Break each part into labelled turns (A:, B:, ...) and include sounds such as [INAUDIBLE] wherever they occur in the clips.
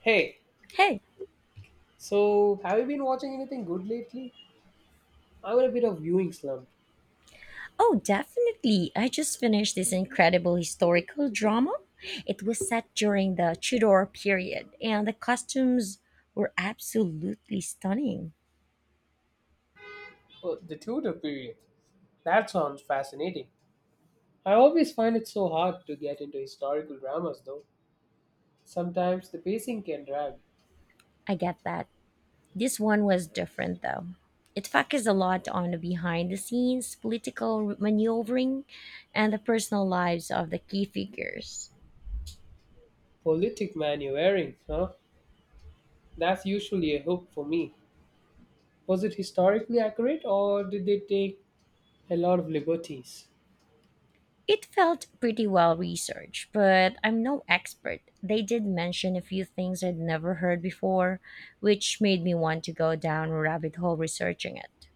A: Hey,
B: Hey,
A: so have you been watching anything good lately? I'm in a bit of viewing slump.
B: oh, definitely. I just finished this incredible historical drama. It was set during the Tudor period, and the costumes were absolutely stunning.
A: Oh, the Tudor period. That sounds fascinating. I always find it so hard to get into historical dramas, though. Sometimes the pacing can drag.
B: I get that. This one was different, though. It focused a lot on the behind the scenes, political maneuvering, and the personal lives of the key figures.
A: Politic maneuvering, huh? That's usually a hook for me. Was it historically accurate, or did they take a lot of liberties?
B: It felt pretty well researched, but I'm no expert. They did mention a few things I'd never heard before, which made me want to go down a rabbit hole researching it.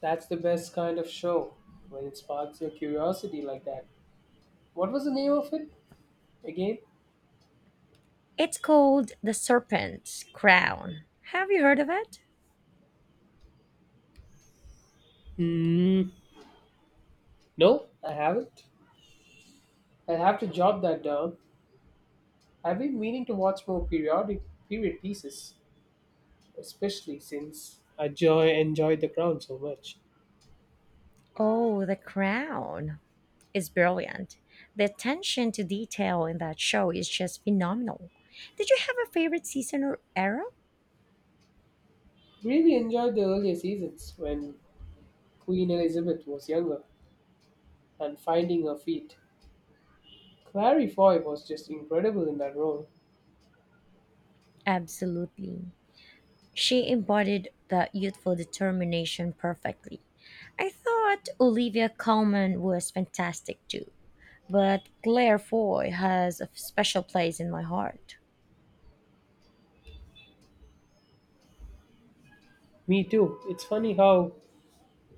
A: That's the best kind of show when it sparks your curiosity like that. What was the name of it again?
B: It's called The Serpent's Crown. Have you heard of it?
A: Hmm. No, I haven't. I'll have to jot that down. I've been meaning to watch more period pieces, especially since I joy enjoyed the crown so much.
B: Oh, The Crown is brilliant. The attention to detail in that show is just phenomenal. Did you have a favorite season or era?
A: Really enjoyed the earlier seasons when Queen Elizabeth was younger and finding her feet. Clary Foy was just incredible in that role.
B: Absolutely. She embodied that youthful determination perfectly. I thought Olivia Colman was fantastic too, but Claire Foy has a special place in my heart.
A: Me too. It's funny how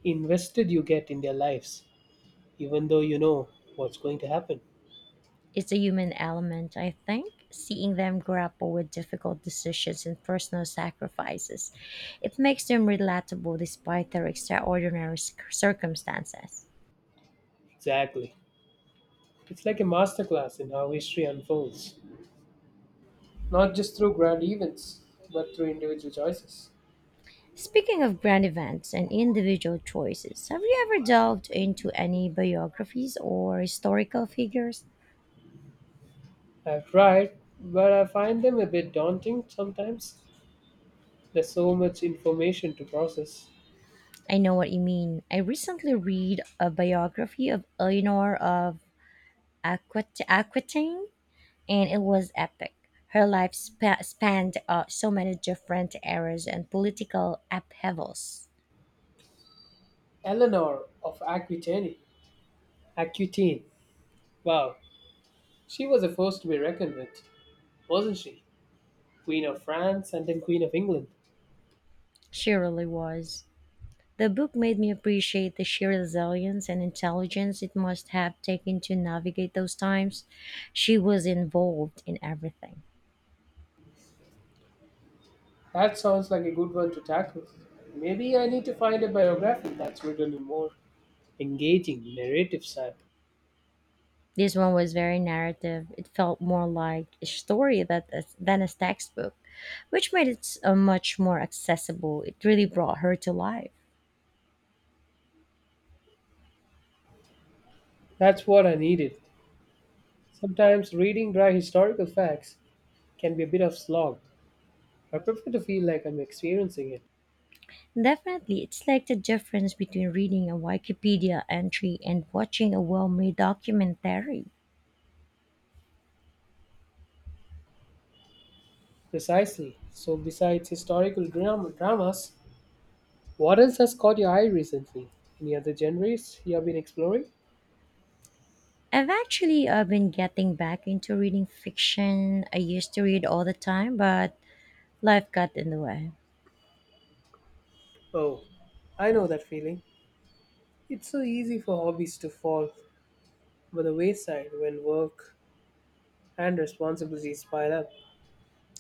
A: invested you get in their lives, even though you know what's going to happen.
B: It's a human element, I think. Seeing them grapple with difficult decisions and personal sacrifices, it makes them relatable despite their extraordinary circumstances.
A: Exactly. It's like a masterclass in how history unfolds, not just through grand events, but through individual choices.
B: Speaking of brand events and individual choices, have you ever delved into any biographies or historical figures?
A: I've tried, but I find them a bit daunting sometimes. There's so much information to process.
B: I know what you mean. I recently read a biography of Eleanor of Aquitaine, and it was epic. Her life spanned so many different eras and political upheavals.
A: Eleanor of Aquitaine. Aquitaine. Wow. She was a force to be reckoned with, wasn't she? Queen of France and then Queen of England.
B: She really was. The book made me appreciate the sheer resilience and intelligence it must have taken to navigate those times. She was involved in everything.
A: That sounds like a good one to tackle. Maybe I need to find a biography that's written in more engaging narrative style.
B: This one was very narrative. It felt more like a story that, than a textbook, which made it much more accessible. It really brought her to life.
A: That's what I needed. Sometimes reading dry historical facts can be a bit of slog. I prefer to feel like I'm experiencing it.
B: Definitely, it's like the difference between reading a Wikipedia entry and watching a well made documentary.
A: Precisely. So, besides historical dramas, what else has caught your eye recently? Any other genres you have been exploring?
B: I've actually been getting back into reading fiction. I used to read all the time, but life got in the way.
A: Oh, I know that feeling. It's so easy for hobbies to fall by the wayside when work and responsibilities pile up.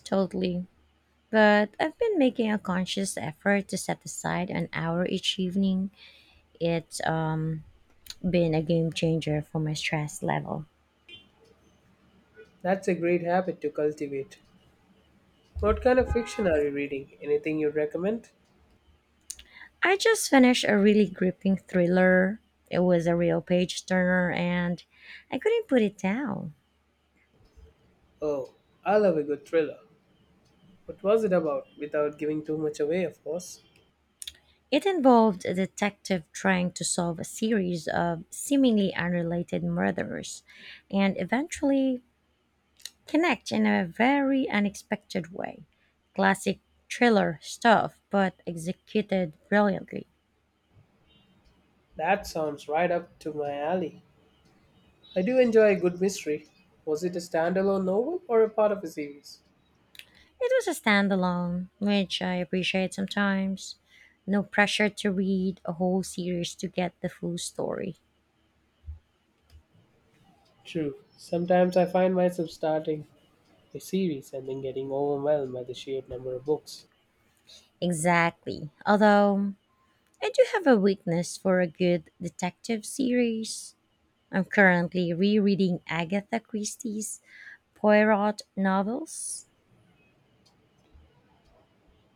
B: Totally. But I've been making a conscious effort to set aside an hour each evening. It's been a game changer for my stress level.
A: That's a great habit to cultivate. What kind of fiction are you reading? Anything you'd recommend?
B: I just finished a really gripping thriller. It was a real page turner, and I couldn't put it down.
A: Oh, I love a good thriller. What was it about? Without giving too much away, of course.
B: It involved a detective trying to solve a series of seemingly unrelated murders and eventually connect in a very unexpected way. Classic thriller stuff, but executed brilliantly.
A: That sounds right up to my alley. I do enjoy a good mystery. Was it a standalone novel or a part of a series?
B: It was a standalone, which I appreciate sometimes. No pressure to read a whole series to get the full story.
A: True. Sometimes I find myself starting a series and then getting overwhelmed by the sheer number of books.
B: Exactly. Although, I do have a weakness for a good detective series. I'm currently rereading Agatha Christie's Poirot novels.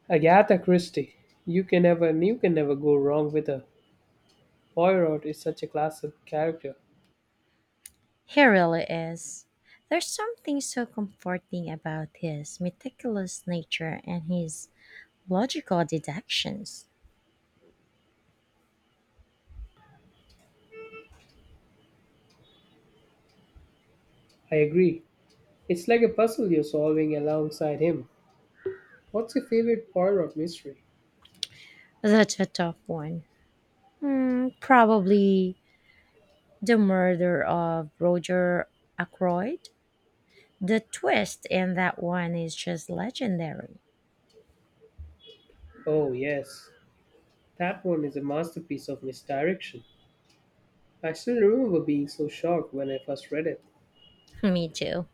A: Agatha Christie. You can never go wrong with her. Poirot is such a classic character.
B: He really is. There's something so comforting about his meticulous nature and his logical deductions.
A: I agree. It's like a puzzle you're solving alongside him. What's your favorite Poirot mystery?
B: That's a tough one. Hmm, probably The Murder of Roger Ackroyd. The twist in that one is just legendary.
A: Oh yes. That one is a masterpiece of misdirection. I still remember being so shocked when I first read it.
B: [LAUGHS] Me too.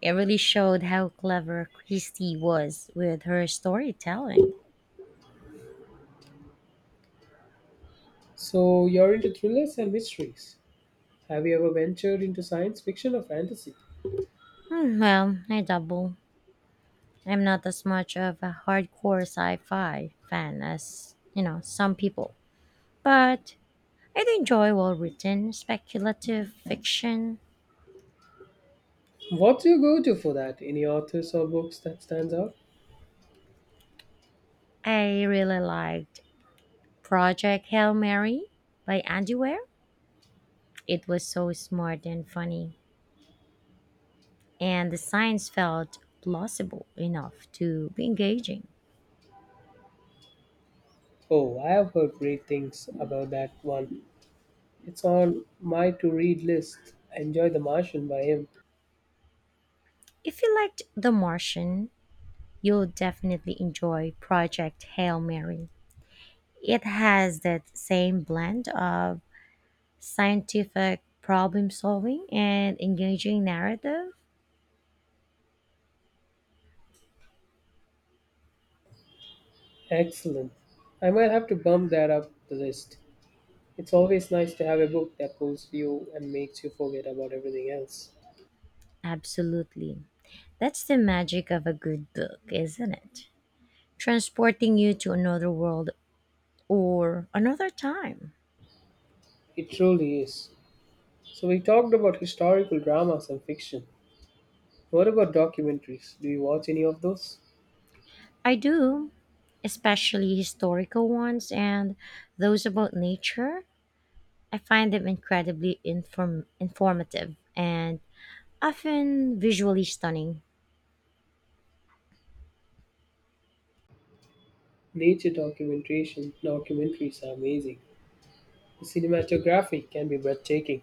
B: It really showed how clever Christie was with her storytelling.
A: So, you're into thrillers and mysteries. Have you ever ventured into science fiction or fantasy?
B: Hmm, well, I double. I'm not as much of a hardcore sci-fi fan as, you know, some people. But I do enjoy well-written, speculative fiction.
A: What's your go to for that? Any authors or books that stands out?
B: I really liked Project Hail Mary by Andy Weir. It was so smart and funny, and the science felt plausible enough to be engaging.
A: Oh, I have heard great things about that one. It's on my to read list. Enjoy The Martian by him.
B: If you liked The Martian, you'll definitely enjoy Project Hail Mary. It has that same blend of scientific problem solving and engaging narrative.
A: Excellent. I might have to bump that up the list. It's always nice to have a book that pulls you and makes you forget about everything else.
B: Absolutely. That's the magic of a good book, isn't it? Transporting you to another world or another time.
A: It truly is. So we talked about historical dramas and fiction. What about documentaries? Do you watch any of those?
B: I do, especially historical ones and those about nature. I find them incredibly informative and often visually stunning.
A: Nature documentation documentaries are amazing. The cinematography can be breathtaking.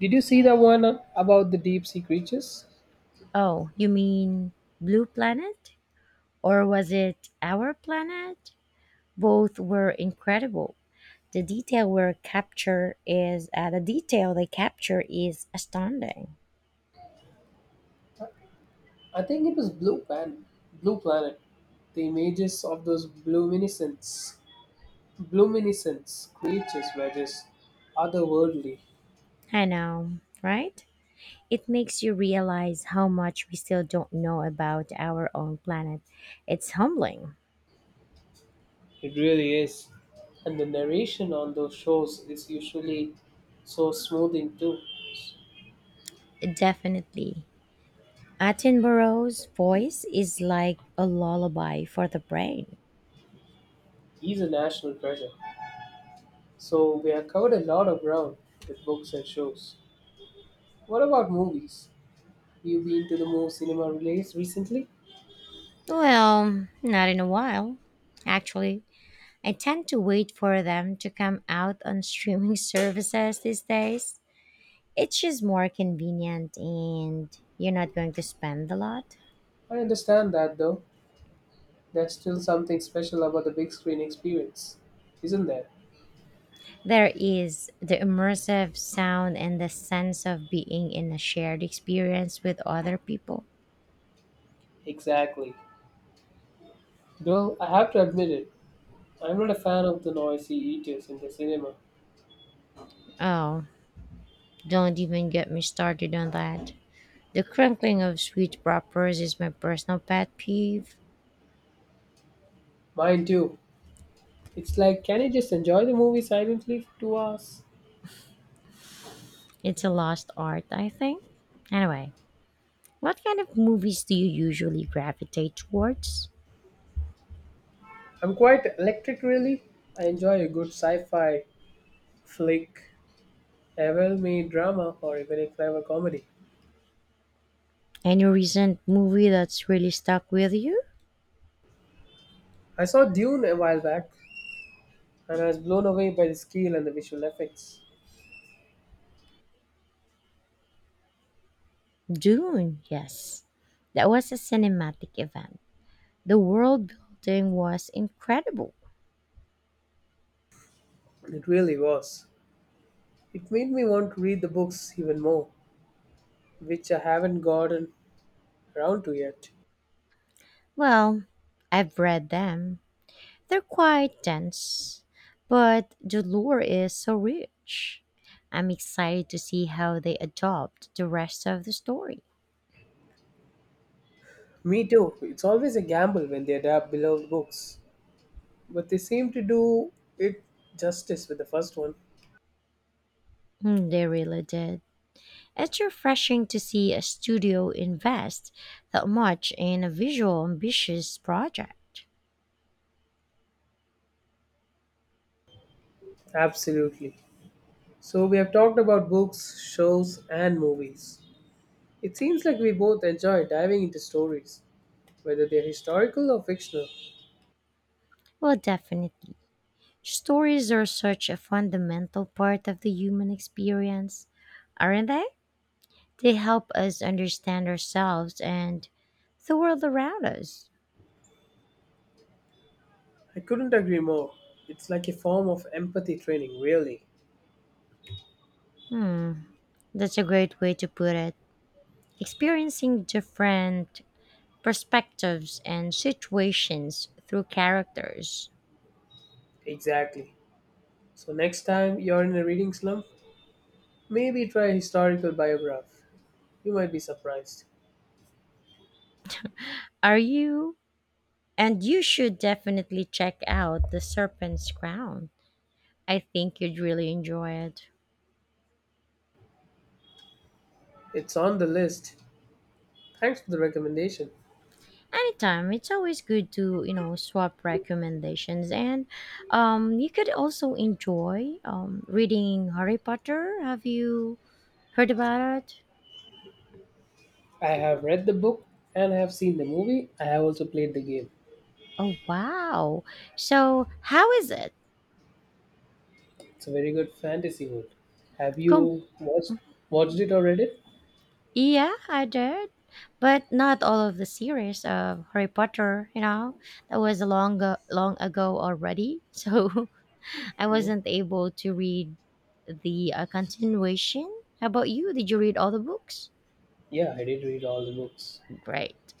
A: Did you see the one about the deep sea creatures?
B: Oh, you mean Blue Planet? Or was it Our Planet? Both were incredible. The detail they capture is astounding.
A: I think it was Blue Planet. Blue Planet. The images of those luminescence, luminescence creatures were just otherworldly.
B: I know, right? It makes you realize how much we still don't know about our own planet. It's humbling,
A: It really is. And the narration on those shows is usually so smoothing too.
B: definitely. Attenborough's voice is like a lullaby for the brain.
A: He's a national treasure. So we have covered a lot of ground with books and shows. What about movies? Have you been to the more cinema release recently?
B: Well, not in a while, actually. I tend to wait for them to come out on streaming [LAUGHS] services these days. It's just more convenient and you're not going to spend a lot.
A: I understand that though. There's still something special about the big screen experience, isn't there?
B: There is the immersive sound and the sense of being in a shared experience with other people.
A: Exactly. Though I have to admit it, I'm not a fan of the noisy eaters in the cinema.
B: Oh, don't even get me started on that. The crinkling of sweet wrappers is my personal pet peeve.
A: Mine too. It's like, can you just enjoy the movie silently for 2 hours?
B: It's a lost art, I think. Anyway, what kind of movies do you usually gravitate towards?
A: I'm quite electric, really. I enjoy a good sci fi flick a well-made drama or even a clever comedy.
B: Any recent movie that's really stuck with you?
A: I saw Dune a while back and I was blown away by the scale and the visual effects.
B: Dune, yes. That was a cinematic event. The world building was incredible.
A: It really was. It made me want to read the books even more, which I haven't gotten around to yet.
B: Well, I've read them. They're quite dense, but the lore is so rich. I'm excited to see how they adopt the rest of the story.
A: Me too. It's always a gamble when they adapt beloved books, but they seem to do it justice with the first one.
B: Mm, they really did. It's refreshing to see a studio invest that much in a visual ambitious project.
A: Absolutely. So we have talked about books, shows, and movies. It seems like we both enjoy diving into stories whether they're historical or fictional.
B: Well, definitely. Stories are such a fundamental part of the human experience, aren't they? They help us understand ourselves and the world around us.
A: I couldn't agree more. It's like a form of empathy training, really.
B: Hmm, that's a great way to put it. Experiencing different perspectives and situations through characters.
A: Exactly. So, next time you're in a reading slump, maybe try a historical biograph. You might be surprised.
B: Are you? And you should definitely check out The Serpent's Crown. I think you'd really enjoy it.
A: It's on the list. Thanks for the recommendation.
B: Anytime, it's always good to swap recommendations, and you could also enjoy reading Harry Potter. Have you heard about it?
A: I have read the book and I have seen the movie. I have also played the game.
B: Oh wow, so how is it?
A: It's a very good fantasy world. Have
B: Com-
A: you watched it or read it?
B: yeah, I did, but not all of the series of Harry Potter, that was a long ago already, so [LAUGHS] I
A: Mhm.
B: wasn't able to read the continuation. How about you, did you read all the books?
A: Yeah, I did read all the books.
B: Great.